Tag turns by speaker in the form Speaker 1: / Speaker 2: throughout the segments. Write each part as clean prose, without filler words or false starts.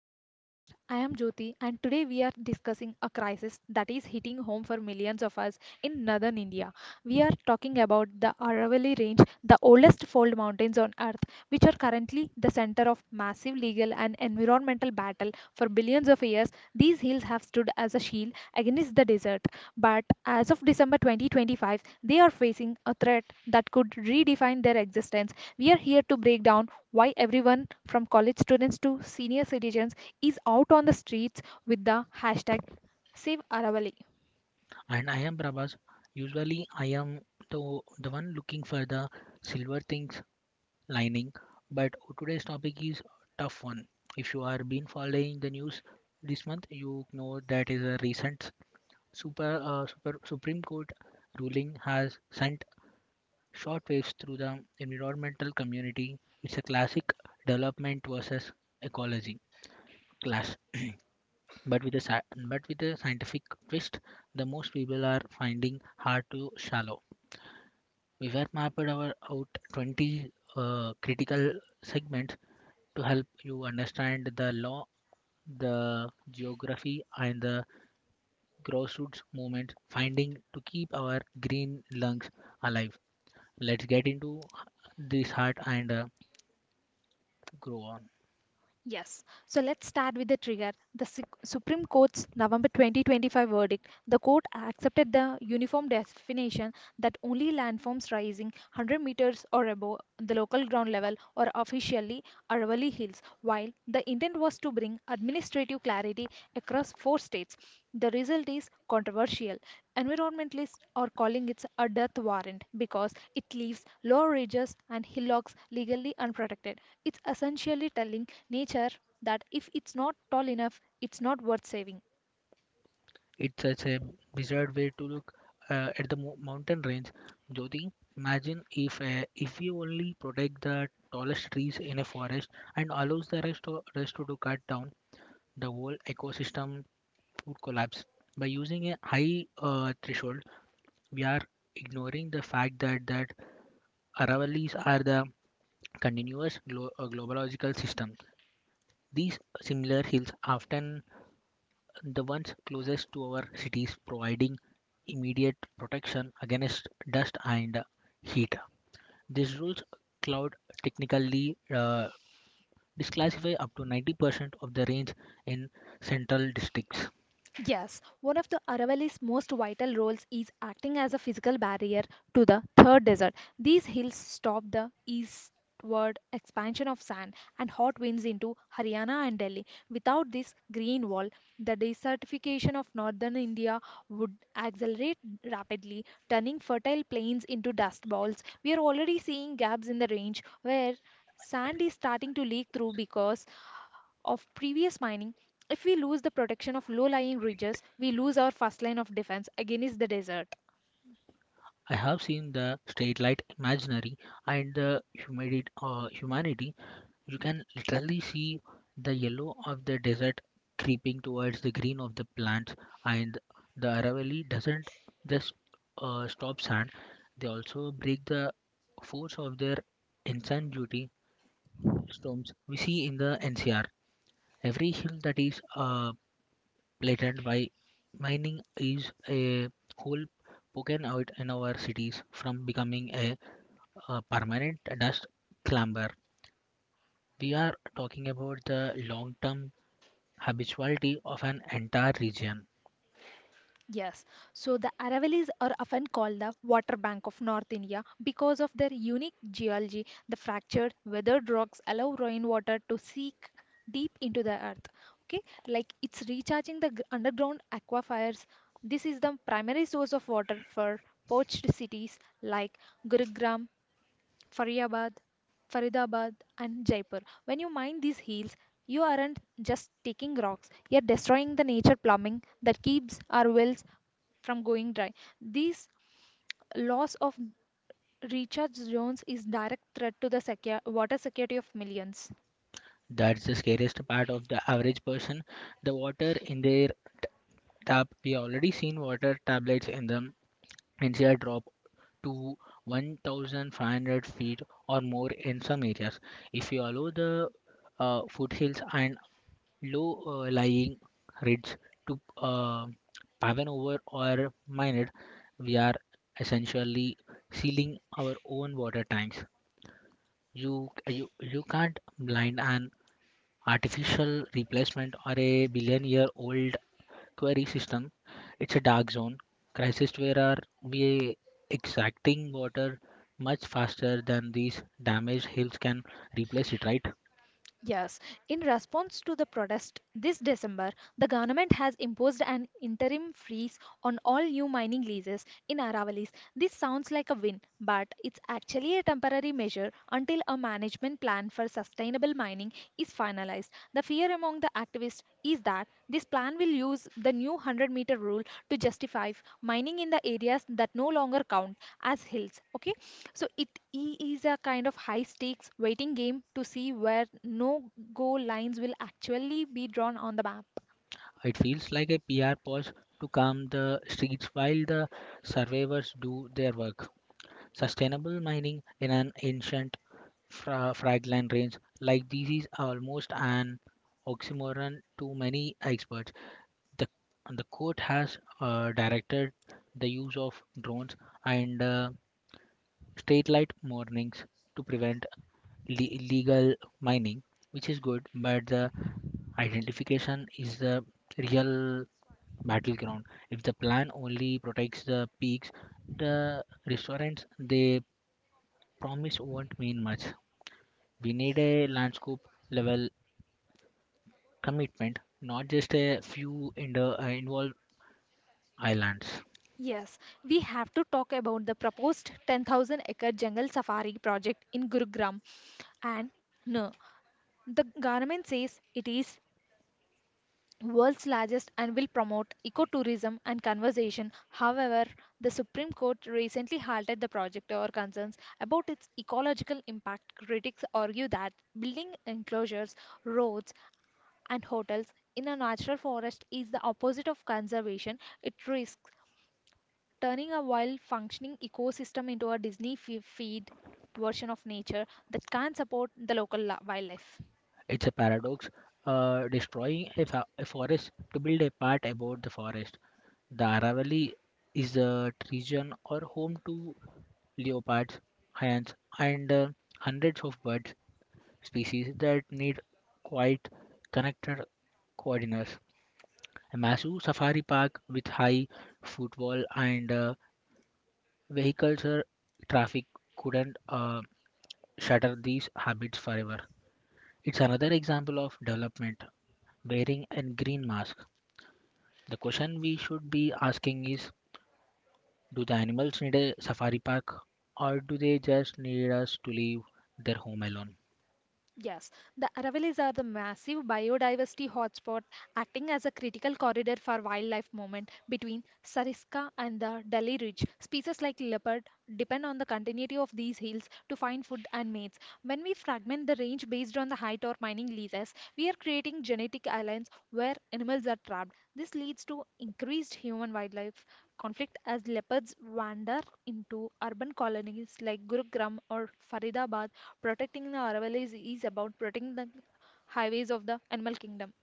Speaker 1: to our podcast. I am Jyoti and today we are discussing a crisis that is hitting home for millions of us in northern India. We are talking about the Aravalli Range, the oldest fold mountains on earth, which are currently the center of massive legal and environmental battle for billions of years. These hills have stood as a shield against the desert, but as of December 2025, they are facing a threat that could redefine their existence. We are here to break down why everyone from college students to senior citizens is out on the streets with the hashtag Save Aravali.
Speaker 2: And I am Prabhas. Usually I am the one looking for the silver things lining, but today's topic is tough one. If you are been following the news this month, you know that is a recent super Supreme Court ruling has sent shockwaves through the environmental community. It's a classic development versus ecology clash. But but with a scientific twist the most people are finding hard to shallow. We were mapped our out 20 critical segments to help you understand the law, the geography, and the grassroots movement finding to keep our green lungs alive. Let's get into this heart and grow on.
Speaker 1: Yes, so let's start with the trigger. The Supreme Court's November 2025 verdict. The court accepted the uniform definition that only landforms rising 100 meters or above the local ground level or officially Aravali Hills. While the intent was to bring administrative clarity across four states, the result is controversial. Environmentalists are calling it a death warrant because it leaves low ridges and hillocks legally unprotected. It's essentially telling nature that if it's not tall enough, it's not worth saving.
Speaker 2: It's such a bizarre way to look at the mountain range. Jyoti, imagine if you only protect the tallest trees in a forest and allows rest to cut down the whole ecosystem would collapse. By using a high threshold, we are ignoring the fact that Aravallis are the continuous globological system. These similar hills often the ones closest to our cities, providing immediate protection against dust and heat. These rules cloud technically disclassify up to 90% of the range in central districts.
Speaker 1: Yes, one of the Aravalli's most vital roles is acting as a physical barrier to the Third Desert. These hills stop the eastward expansion of sand and hot winds into Haryana and Delhi. Without this green wall, the desertification of northern India would accelerate rapidly, turning fertile plains into dust bowls. We are already seeing gaps in the range where sand is starting to leak through because of previous mining. If we lose the protection of low lying ridges, we lose our first line of defense against the desert.
Speaker 2: I have seen the state light imaginary and the humanity. You can literally see the yellow of the desert creeping towards the green of the plants, and the Aravalli doesn't just stop sand; they also break the force of their insane duty storms we see in the NCR. Every hill that is blatant by mining is a whole poken out in our cities from becoming a permanent dust clamber. We are talking about the long term habituality of an entire region.
Speaker 1: Yes, so the Aravallis are often called the water bank of North India because of their unique geology. The fractured, weathered rocks allow rainwater to seep deep into the earth. Okay, like it's recharging the underground aquifers. This is the primary source of water for poached cities like Gurugram, Faridabad, Faridabad and Jaipur. When you mine these hills, you aren't just taking rocks, you're destroying the nature plumbing that keeps our wells from going dry. This loss of recharge zones is direct threat to the water security of millions.
Speaker 2: That's the scariest part of the average person. The water in their tap, we already seen water tablets in the and drop to 1500 feet or more in some areas. If you allow the foothills and low lying ridges to paven over or mined, we are essentially sealing our own water tanks. You can't blind an artificial replacement or a billion year old query system. It's a dark zone crisis where are we extracting water much faster than these damaged hills can replace it, right?
Speaker 1: Yes, in response to the protest this December, the government has imposed an interim freeze on all new mining leases in Aravalis. This sounds like a win, but it's actually a temporary measure until a management plan for sustainable mining is finalized. The fear among the activists is that this plan will use the new 100-meter rule to justify mining in the areas that no longer count as hills, okay, so it is a kind of high stakes waiting game to see where no go lines will actually be drawn on the map.
Speaker 2: It feels like a PR pause to calm the streets while the surveyors do their work. Sustainable mining in an ancient fragile range like this is almost an oxymoron to many experts. The, the court has directed the use of drones and straight light mornings to prevent illegal mining, which is good, but the identification is the real battleground. If the plan only protects the peaks, the restaurants they promise won't mean much. We need a landscape level commitment, not just a few involved islands.
Speaker 1: Yes, we have to talk about the proposed 10,000 acre jungle safari project in Gurugram. And no, the government says it is world's largest and will promote ecotourism and conservation. However, the Supreme Court recently halted the project over concerns about its ecological impact. Critics argue that building enclosures, roads, and hotels in a natural forest is the opposite of conservation. It risks turning a wild functioning ecosystem into a Disney feed version of nature that can't support the local wildlife.
Speaker 2: It's a paradox. Destroying a forest to build a part about the forest. The Aravalli is a region or home to leopards, hyæns, and hundreds of bird species that need quite connected coordinates. Masu Safari Park, with high footfall and vehicular traffic, couldn't shatter these habits forever. It's another example of development wearing a green mask. The question we should be asking is do the animals need a safari park or do they just need us to leave their home alone?
Speaker 1: Yes, the Aravallis are the massive biodiversity hotspot acting as a critical corridor for wildlife movement between Sariska and the Dali Ridge. Species like leopard depend on the continuity of these hills to find food and mates. When we fragment the range based on the height or mining leases, we are creating genetic islands where animals are trapped. This leads to increased human wildlife conflict as leopards wander into urban colonies like Gurugram or Faridabad. Protecting the Aravallis is about protecting the highways of the animal kingdom.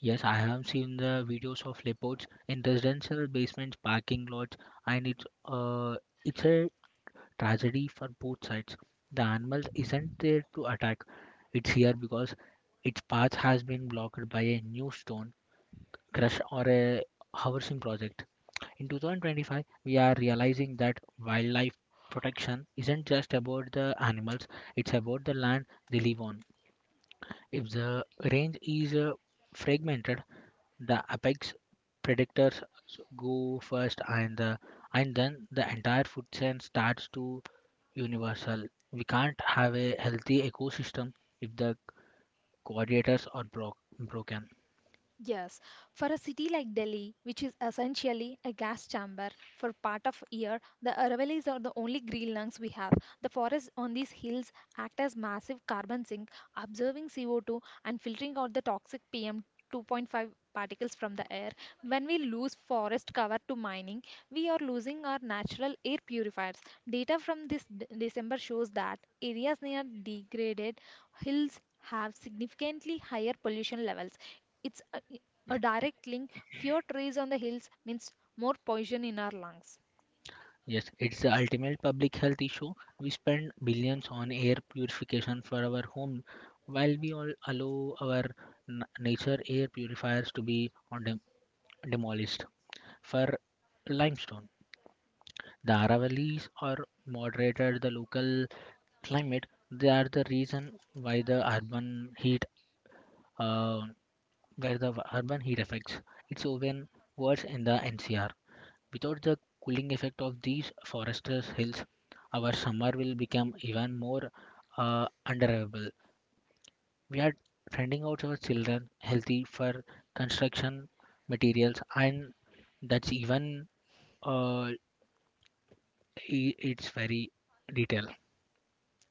Speaker 2: Yes, I have seen the videos of leopards in residential basements, parking lots, and it's a tragedy for both sides. The animal isn't there to attack, it's here because its path has been blocked by a new stone crush or a housing project. In 2025, we are realizing that wildlife protection isn't just about the animals, it's about the land they live on. If the range is fragmented, the apex predators go first and then the entire food chain starts to universal. We can't have a healthy ecosystem if the coordinators are broken.
Speaker 1: Yes, for a city like Delhi, which is essentially a gas chamber for part of year, the Aravallis are the only green lungs we have. The forests on these hills act as massive carbon sink, absorbing CO2 and filtering out the toxic PM 2.5 particles from the air. When we lose forest cover to mining, we are losing our natural air purifiers. Data from this December shows that areas near degraded hills have significantly higher pollution levels. It's a direct link. Fewer trees on the hills means more poison in our lungs.
Speaker 2: Yes, it's the ultimate public health issue. We spend billions on air purification for our home while we all allow our nature air purifiers to be on demolished for limestone. The Aravallis are moderated the local climate. They are the reason why uh, the urban heat affects. It's even worse in the NCR. Without the cooling effect of these forested hills, our summer will become even more unbearable. We are trending out our children healthy for construction materials, and that's even uh, it's very detail.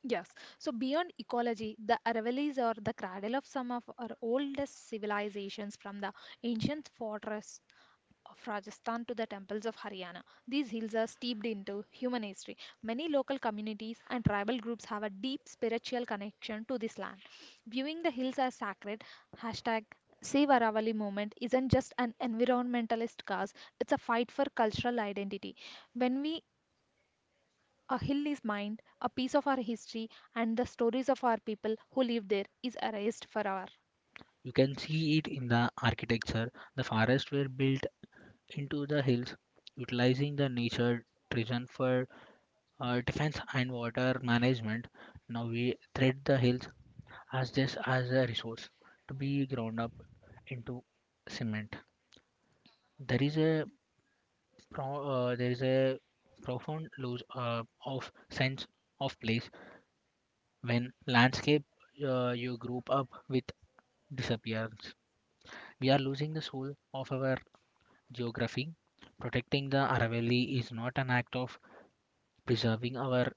Speaker 1: Yes. So beyond ecology, the Aravallis are the cradle of some of our oldest civilizations from the ancient fortress of Rajasthan to the temples of Haryana. These hills are steeped into human history. Many local communities and tribal groups have a deep spiritual connection to this land. Viewing the hills as sacred, hashtag Save Aravalli movement isn't just an environmentalist cause, it's a fight for cultural identity. When we a hill is mined, a piece of our history and the stories of our people who live there is erased forever.
Speaker 2: You can see it in the architecture. The forests were built into the hills, utilizing the nature treasure for defense and water management. Now we treat the hills as this as a resource to be ground up into cement. There is a there is a profound loss of sense of place when landscape you grew up with disappears. We are losing the soul of our geography. Protecting the Aravalli is not an act of preserving our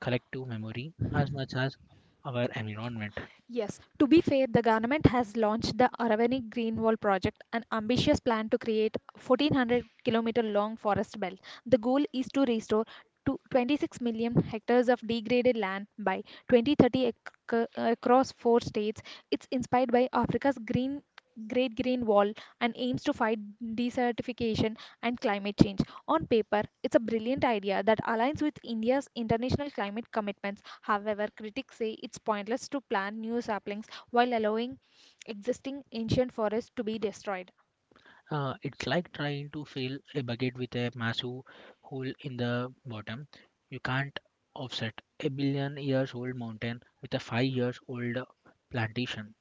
Speaker 2: collective memory as much as our environment.
Speaker 1: Yes, to be fair, the government has launched the Aravani Green Wall project, an ambitious plan to create a 1,400 kilometer long forest belt. The goal is to restore to 26 million hectares of degraded land by 2030 across four states. It's inspired by Africa's green Great Green Wall and aims to fight desertification and climate change. On paper, it's a brilliant idea that aligns with India's international climate commitments. However, critics say it's pointless to plant new saplings while allowing existing ancient forests to be destroyed.
Speaker 2: It's like trying to fill a bucket with a massive hole in the bottom. You can't offset a billion years old mountain with a 5 years old plantation.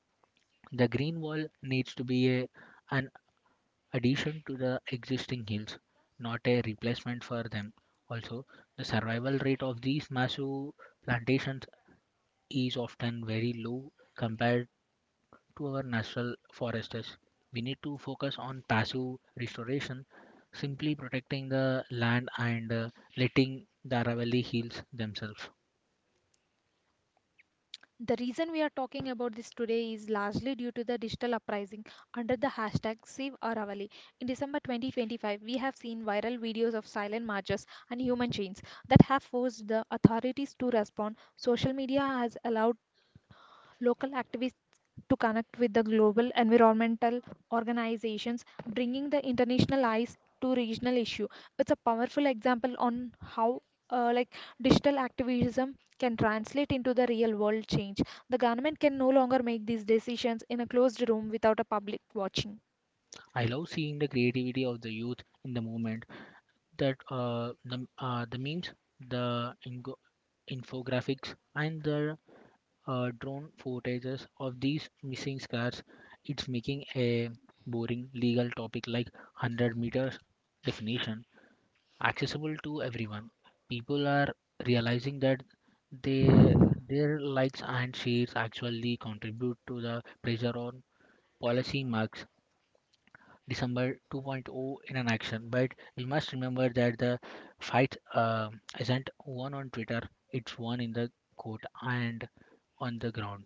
Speaker 2: The green wall needs to be an addition to the existing hills, not a replacement for them. Also, the survival rate of these massive plantations is often very low compared to our national forests. We need to focus on passive restoration, simply protecting the land and letting the Aravalli heals themselves.
Speaker 1: The reason we are talking about this today is largely due to the digital uprising under the hashtag SaveAravali. In December 2025, we have seen viral videos of silent marches and human chains that have forced the authorities to respond. Social media has allowed local activists to connect with the global environmental organizations, bringing the international eyes to regional issue. It's a powerful example on how like digital activism can translate into the real world change. The government can no longer make these decisions in a closed room without a public watching.
Speaker 2: I love seeing the creativity of the youth in the movement. That the memes, the ingo- infographics, and the drone footages of these missing scars. It's making a boring legal topic like 100 meters definition accessible to everyone. People are realizing that they their likes and shares actually contribute to the pressure on policy marks December 2.0 in an action. But we must remember that the fight isn't won on Twitter; it's won in the court and on the ground.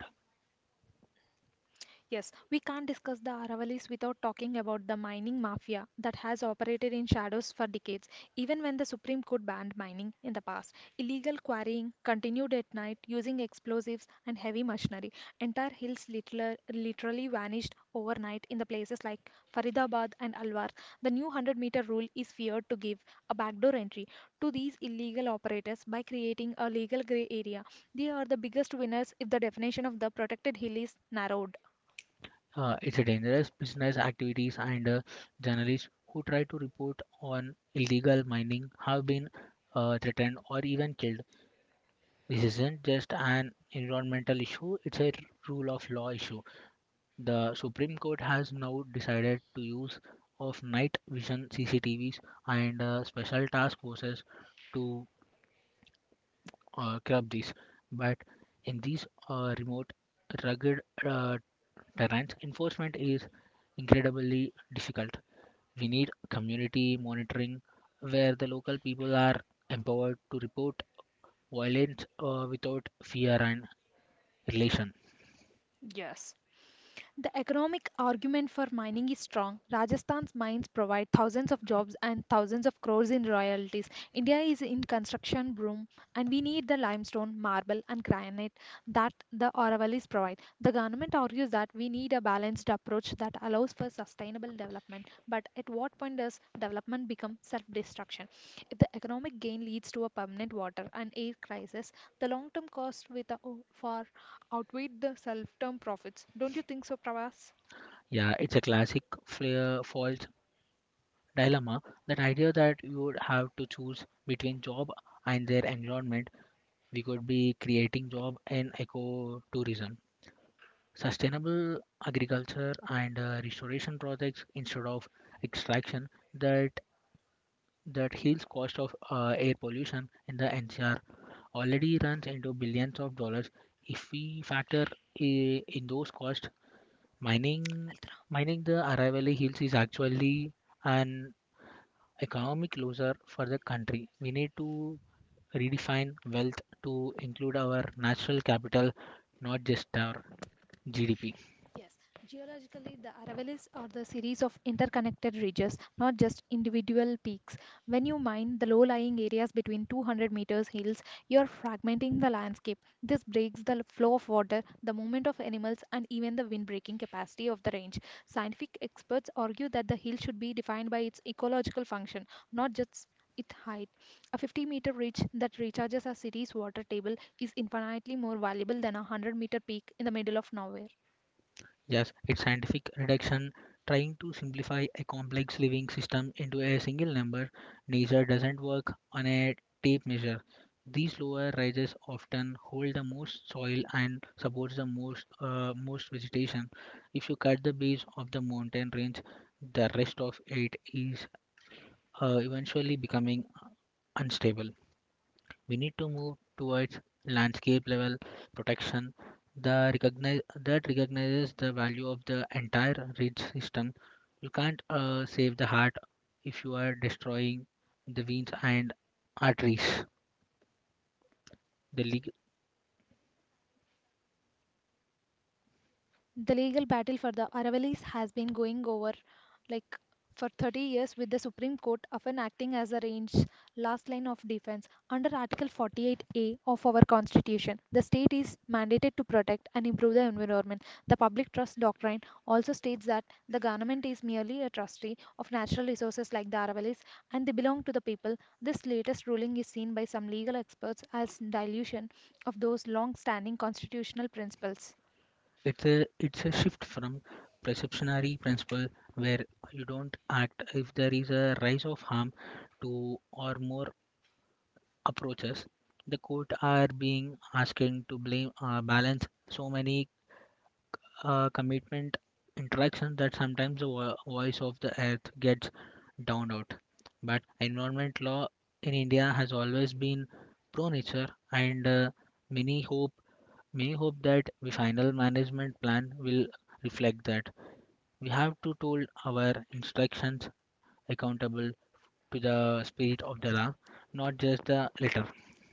Speaker 1: Yes, we can't discuss the Aravallis without talking about the mining mafia that has operated in shadows for decades. Even when the Supreme Court banned mining in the past, illegal quarrying continued at night using explosives and heavy machinery. Entire hills literally vanished overnight in the places like Faridabad and Alwar. The new 100-meter rule is feared to give a backdoor entry to these illegal operators by creating a legal gray area. They are the biggest winners if the definition of the protected hill is narrowed.
Speaker 2: It's a dangerous business activities and journalists who try to report on illegal mining have been threatened or even killed. This isn't just an environmental issue, it's a rule of law issue. The Supreme Court has now decided to use of night vision CCTVs and special task forces to curb this. But in these remote, rugged uh, terrains, enforcement is incredibly difficult. We need community monitoring where the local people are empowered to report violence without fear and relation.
Speaker 1: Yes. The economic argument for mining is strong. Rajasthan's mines provide thousands of jobs and thousands of crores in royalties. India is in construction boom and we need the limestone, marble and granite that the Aravallis provide. The government argues that we need a balanced approach that allows for sustainable development. But at what point does development become self-destruction? If the economic gain leads to a permanent water and air crisis, the long-term cost with a, for outweighed the self-term profits. Don't you think so, Pravas?
Speaker 2: Yeah, it's a classic flair fault dilemma. That idea that you would have to choose between job and their environment, we could be creating job in ecotourism, sustainable agriculture and restoration projects instead of extraction that that heals cost of air pollution in the NCR already runs into billions of dollars. If we factor in those costs, Mining mining the Aravalli Hills is actually an economic loser for the country. We need to redefine wealth to include our natural capital, not just our GDP.
Speaker 1: Yes, geologically, the Aravallis are the series of interconnected ridges, not just individual peaks. When you mine the low lying areas between 200 meters hills, you are fragmenting the landscape. This breaks the flow of water, the movement of animals, and even the wind-breaking capacity of the range. Scientific experts argue that the hill should be defined by its ecological function, not just its height. A 50-meter ridge that recharges a city's water table is infinitely more valuable than a 100-meter peak in the middle of nowhere.
Speaker 2: Yes, it's scientific reduction trying to simplify a complex living system into a single number. Nature doesn't work on a tape measure. These lower rises often hold the most soil and supports the most most vegetation. If you cut the base of the mountain range, the rest of it is eventually becoming unstable. We need to move towards landscape level protection the recognize, that recognizes the value of the entire ridge system. You can't save the heart if you are destroying the veins and arteries. The leg-
Speaker 1: The legal battle for the Aravallis has been going over, like, for 30 years, with the Supreme Court often acting as a range last line of defense under Article 48A of our Constitution. The state is mandated to protect and improve the environment. The public trust doctrine also states that the government is merely a trustee of natural resources like the Aravallis and they belong to the people. This latest ruling is seen by some legal experts as dilution of those long standing constitutional principles.
Speaker 2: it's a shift from perceptionary principle where you don't act if there is a rise of harm to or more approaches. The court are being asking to blame balance so many commitment interaction that sometimes voice of the earth gets drowned out. But environment law in India has always been pro nature, and many hope many hope that the final management plan will reflect that. We have to hold our instructions accountable to the spirit of the law, not just the letter.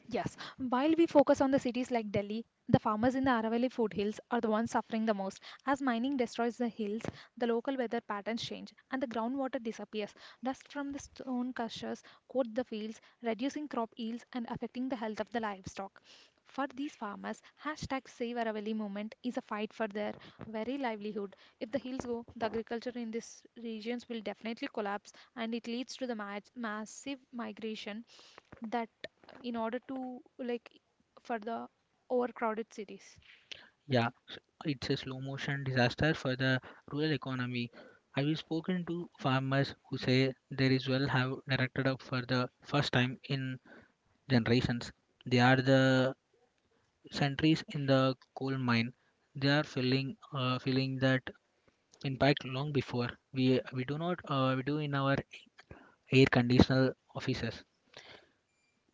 Speaker 1: Yes, while we focus on the cities like Delhi, the farmers in the Aravalli foothills are the ones suffering the most. As mining destroys the hills, the local weather patterns change and the groundwater disappears. Dust from the stone crushers coat the fields, reducing crop yields and affecting the health of the livestock. For these farmers, hashtag Save Aravalli movement is a fight for their very livelihood. If the hills go, the agriculture in these regions will definitely collapse and it leads to the massive migration that in order to like for the overcrowded cities.
Speaker 2: Yeah, it's a slow motion disaster for the rural economy. I've spoken to farmers who say there is well have directed up for the first time in generations. They are the sentries in the coal mine. They are feeling that impact long before we do not we do in our air conditional offices.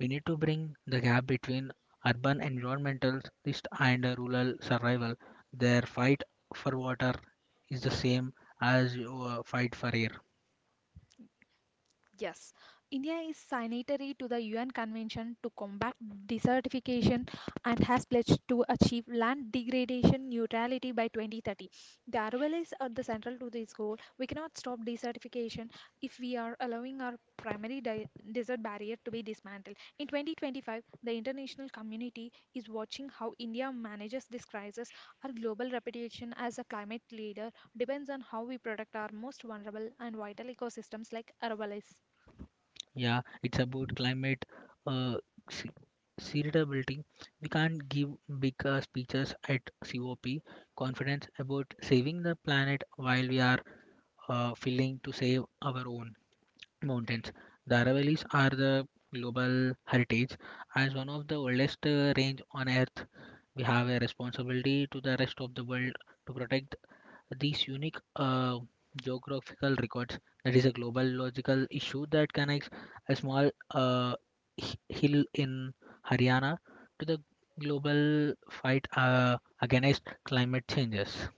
Speaker 2: We need to bring the gap between urban environmentalists and rural survival. Their fight for water is the same as your fight for air.
Speaker 1: Yes, India is signatory to the UN Convention to Combat Desertification and has pledged to achieve land degradation neutrality by 2030. The Aravallis are the central to this goal. We cannot stop desertification if we are allowing our primary desert barrier to be dismantled. In 2025, the international community is watching how India manages this crisis. Our global reputation as a climate leader depends on how we protect our most vulnerable and vital ecosystems like Aravallis.
Speaker 2: Yeah, it's about climate uh, se- sustainability. We can't give big speeches at COP conference about saving the planet while we are failing to save our own. Mountains. The Aravallis are the global heritage. As one of the oldest range on Earth, we have a responsibility to the rest of the world to protect these unique geographical records. That is a global logical issue that connects a small hill in Haryana to the global fight against climate changes.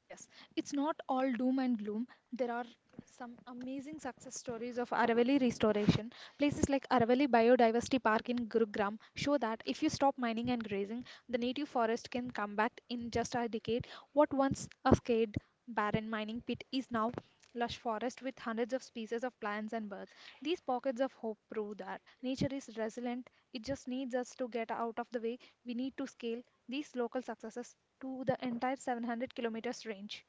Speaker 1: Yes, it's not all doom and gloom. There are some amazing success stories of Aravalli restoration. Places like Aravalli Biodiversity Park in Gurugram show that if you stop mining and grazing, the native forest can come back in just a decade. What once a scared, barren mining pit is now lush forest with hundreds of species of plants and birds. These pockets of hope prove that nature is resilient. It just needs us to get out of the way. We need to scale these local successes to the entire 700 kilometers range.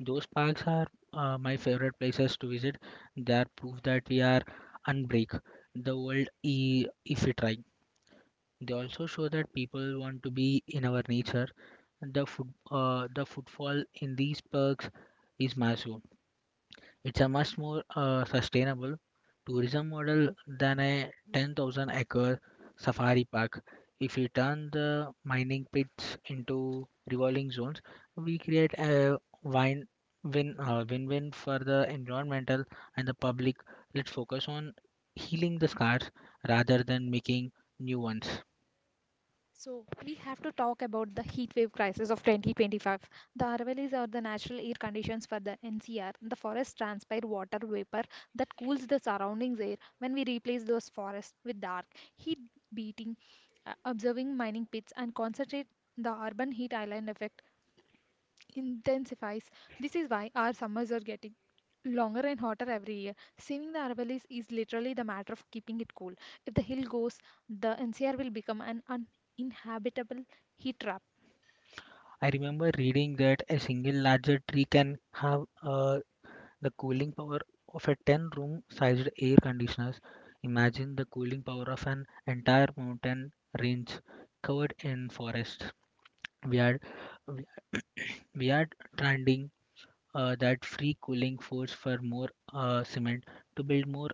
Speaker 2: Those parks are my favorite places to visit. They are proof that we are unbreak the world if we try. They also show that people want to be in our nature. The footfall in these parks is massive. It's a much more sustainable tourism model than a 10,000 acre safari park. If we turn the mining pits into revolving zones, we create a win-win for the environmental and the public. Let's focus on healing the scars rather than making new ones.
Speaker 1: So we have to talk about the heat wave crisis of 2025. The Aravallis are the natural air conditions for the NCR. The forests transpire water vapor that cools the surroundings air when we replace those forests with dark heat beating, observing mining pits and concentrate the urban heat island effect intensifies. This is why our summers are getting longer and hotter every year. Saving the Aravallis is literally the matter of keeping it cool. If the hill goes, the NCR will become an uninhabitable heat trap.
Speaker 2: I remember reading that a single larger tree can have the cooling power of a 10 room sized air conditioner. Imagine the cooling power of an entire mountain range covered in forest. We are we are trending that free cooling force for more cement to build more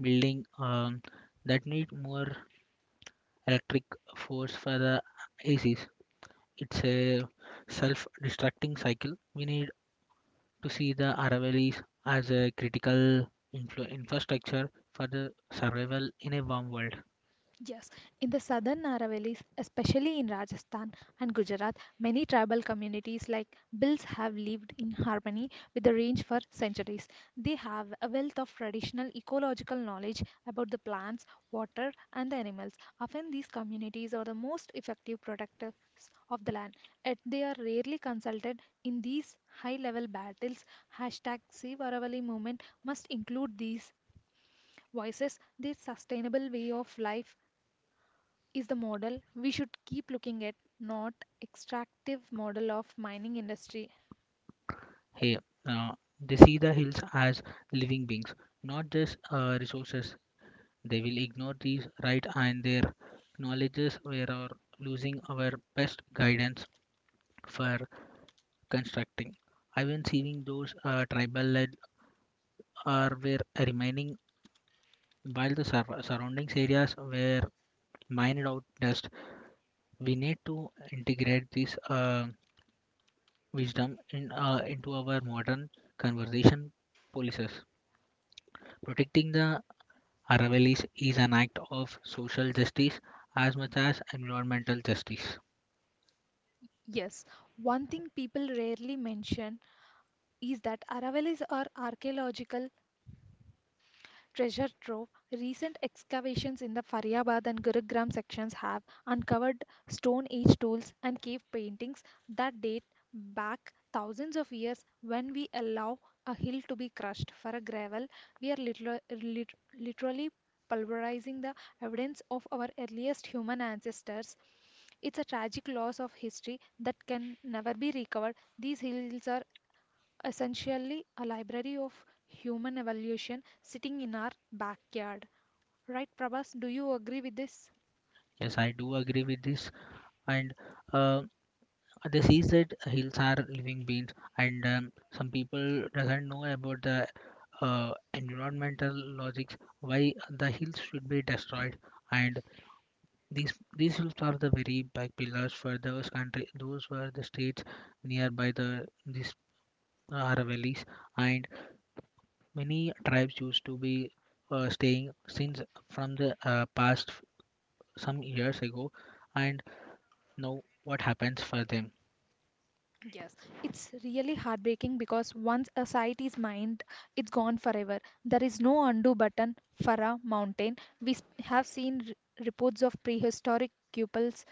Speaker 2: building that need more electric force for the ACs. It's a self-destructing cycle. We need to see the Aravallis as a critical infrastructure for the survival in a warm world.
Speaker 1: Yes, in the southern Aravallis, especially in Rajasthan and Gujarat, many tribal communities like Bills have lived in harmony with the range for centuries. They have a wealth of traditional ecological knowledge about the plants, water, and the animals. Often, these communities are the most effective protectors of the land, yet they are rarely consulted in these high-level battles. Hashtag Save Aravalli movement must include these voices, this sustainable way of life is the model we should keep looking at, not extractive model of mining industry.
Speaker 2: Hey, uh, they see the hills as living beings, not just resources. They will ignore these right and their knowledges we are losing our best guidance for constructing. Even seeing those tribal led are were remaining while the surroundings areas were mined out dust we need to integrate this wisdom into our modern conversation policies. Protecting the Aravallis is an act of social justice as much as environmental justice.
Speaker 1: Yes, one thing people rarely mention is that Aravallis are archaeological treasure trove. Recent excavations in the Faryabad and Gurugram sections have uncovered Stone Age tools and cave paintings that date back thousands of years. When we allow a hill to be crushed for a gravel, we are literally pulverizing the evidence of our earliest human ancestors. It's a tragic loss of history that can never be recovered. These hills are essentially a library of human evolution sitting in our backyard. Right, Prabhas? Do you agree with this?
Speaker 2: Yes, I do agree with this. And uh, this is that hills are living beings, and some people doesn't know about the environmental logics why the hills should be destroyed and these hills are the very back pillars for those country those were the states nearby the these are valleys and many tribes used to be staying since from the some years ago and now what happens for them
Speaker 1: Yes, it's really heartbreaking because once a site is mined, it's gone forever. There is no undo button for a mountain. Have seen reports of prehistoric cupels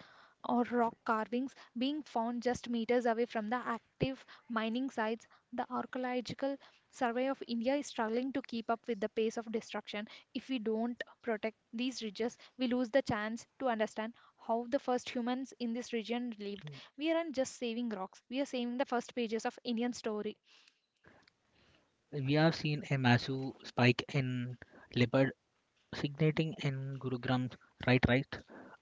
Speaker 1: or rock carvings being found just meters away from the active mining sites. The Archaeological Survey of India is struggling to keep up with the pace of destruction. If we don't protect these ridges, we lose the chance to understand how the first humans in this region lived. We aren't just saving rocks, we are saving the first pages of Indian story.
Speaker 2: we have seen a massive spike in leopard signating in Gurugram's right right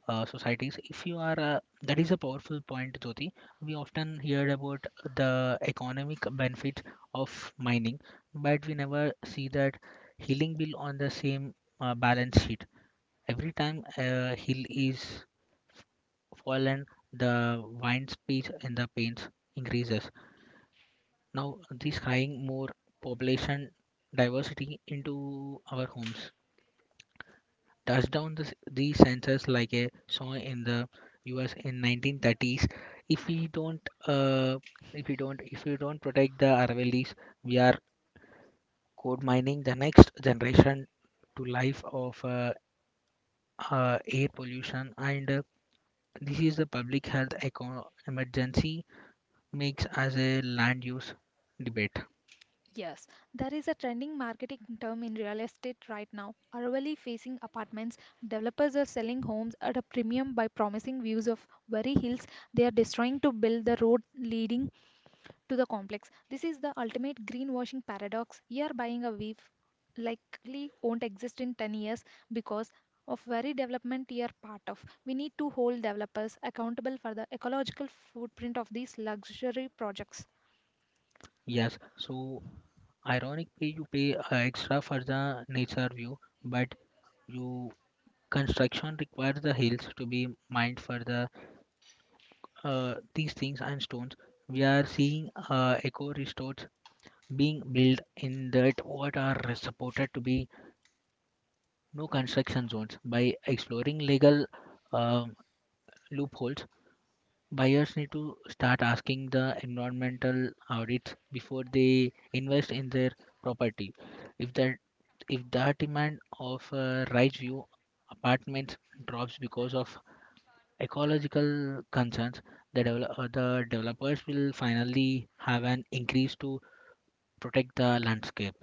Speaker 2: societies. If you are that is a powerful point, Jyoti. We often hear about the economic benefits of mining, but we never see that healing bill on the same balance sheet. Every time a hill is fallen, the wind speed and the pains increases. Now this crying more population diversity into our homes. Touched down the sensors like a song in the US in 1930s. If we don't, uh, if we don't, if we don't protect the Aravallis, we are code mining the next generation to life of air pollution. And this is the public health emergency makes as a land use debate.
Speaker 1: Yes, there is a trending marketing term in real estate right now. Urbanly facing apartments, developers are selling homes at a premium by promising views of very hills they are destroying to build the road leading to the complex. This is the ultimate greenwashing paradox. You are buying a weave likely won't exist in 10 years because of very development you are part of. We need to hold developers accountable for the ecological footprint of these luxury projects.
Speaker 2: Yes, so ironically, you pay extra for the nature view, but you construction requires the hills to be mined for the these things and stones. We are seeing eco resorts being built in that what are supported to be no construction zones. By exploring legal um loopholes, buyers need to start asking the environmental audits before they invest in their property. If that if the demand of rise view apartments drops because of ecological concerns, the developers will finally have an increase to protect the landscape.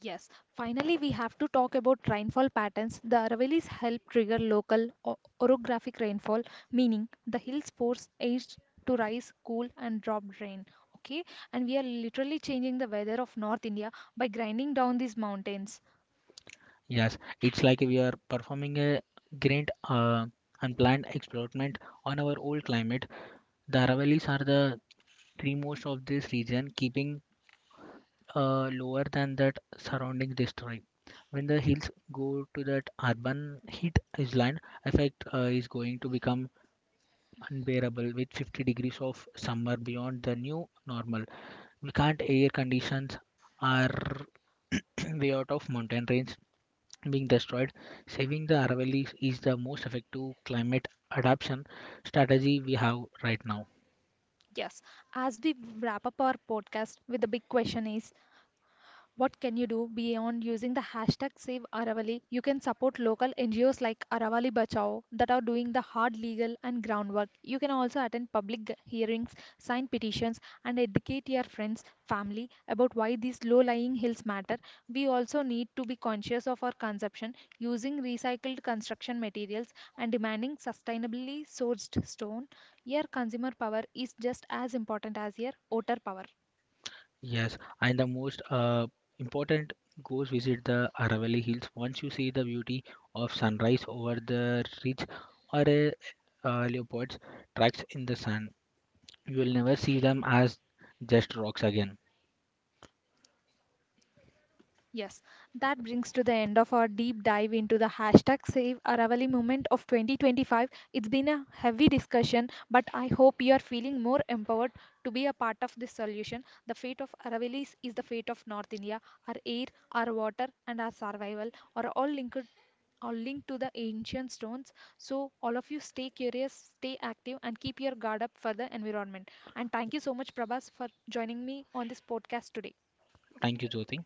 Speaker 1: Yes, finally, we have to talk about rainfall patterns. The Aravallis help trigger local orographic rainfall, meaning the hills force age to rise, cool, and drop rain. Okay, and we are literally changing the weather of North India by grinding down these mountains.
Speaker 2: Yes, it's like we are performing a great unplanned experiment on our old climate. The Aravallis are the three most of this region, keeping lower than that surrounding district. When the hills go to that urban heat island effect is going to become unbearable with 50 degrees of summer beyond the new normal. We can't air conditions are way out of mountain range being destroyed. Saving the Aravallis is the most effective climate adaptation strategy we have right now.
Speaker 1: Yes, as we wrap up our podcast with the big question is, what can you do beyond using the hashtag Save Aravali? You can support local NGOs like Aravali Bachao that are doing the hard legal and groundwork. You can also attend public hearings, sign petitions, and educate your friends, family about why these low lying hills matter. We also need to be conscious of our consumption using recycled construction materials and demanding sustainably sourced stone. Your consumer power is just as important as your voter power.
Speaker 2: Yes, and the most important goes visit the Aravalli hills. Once you see the beauty of sunrise over the ridge or a leopard's tracks in the sand, you will never see them as just rocks again.
Speaker 1: Yes, that brings to the end of our deep dive into the hashtag Save Aravali movement of 2025. It's been a heavy discussion, but I hope you are feeling more empowered to be a part of this solution. The fate of Aravalis is the fate of North India. Our air, our water, and our survival are all linked are linked to the ancient stones. So all of you stay curious, stay active, and keep your guard up for the environment. And thank you so much, Prabhas, for joining me on this podcast today.
Speaker 2: Thank you, Jyoti.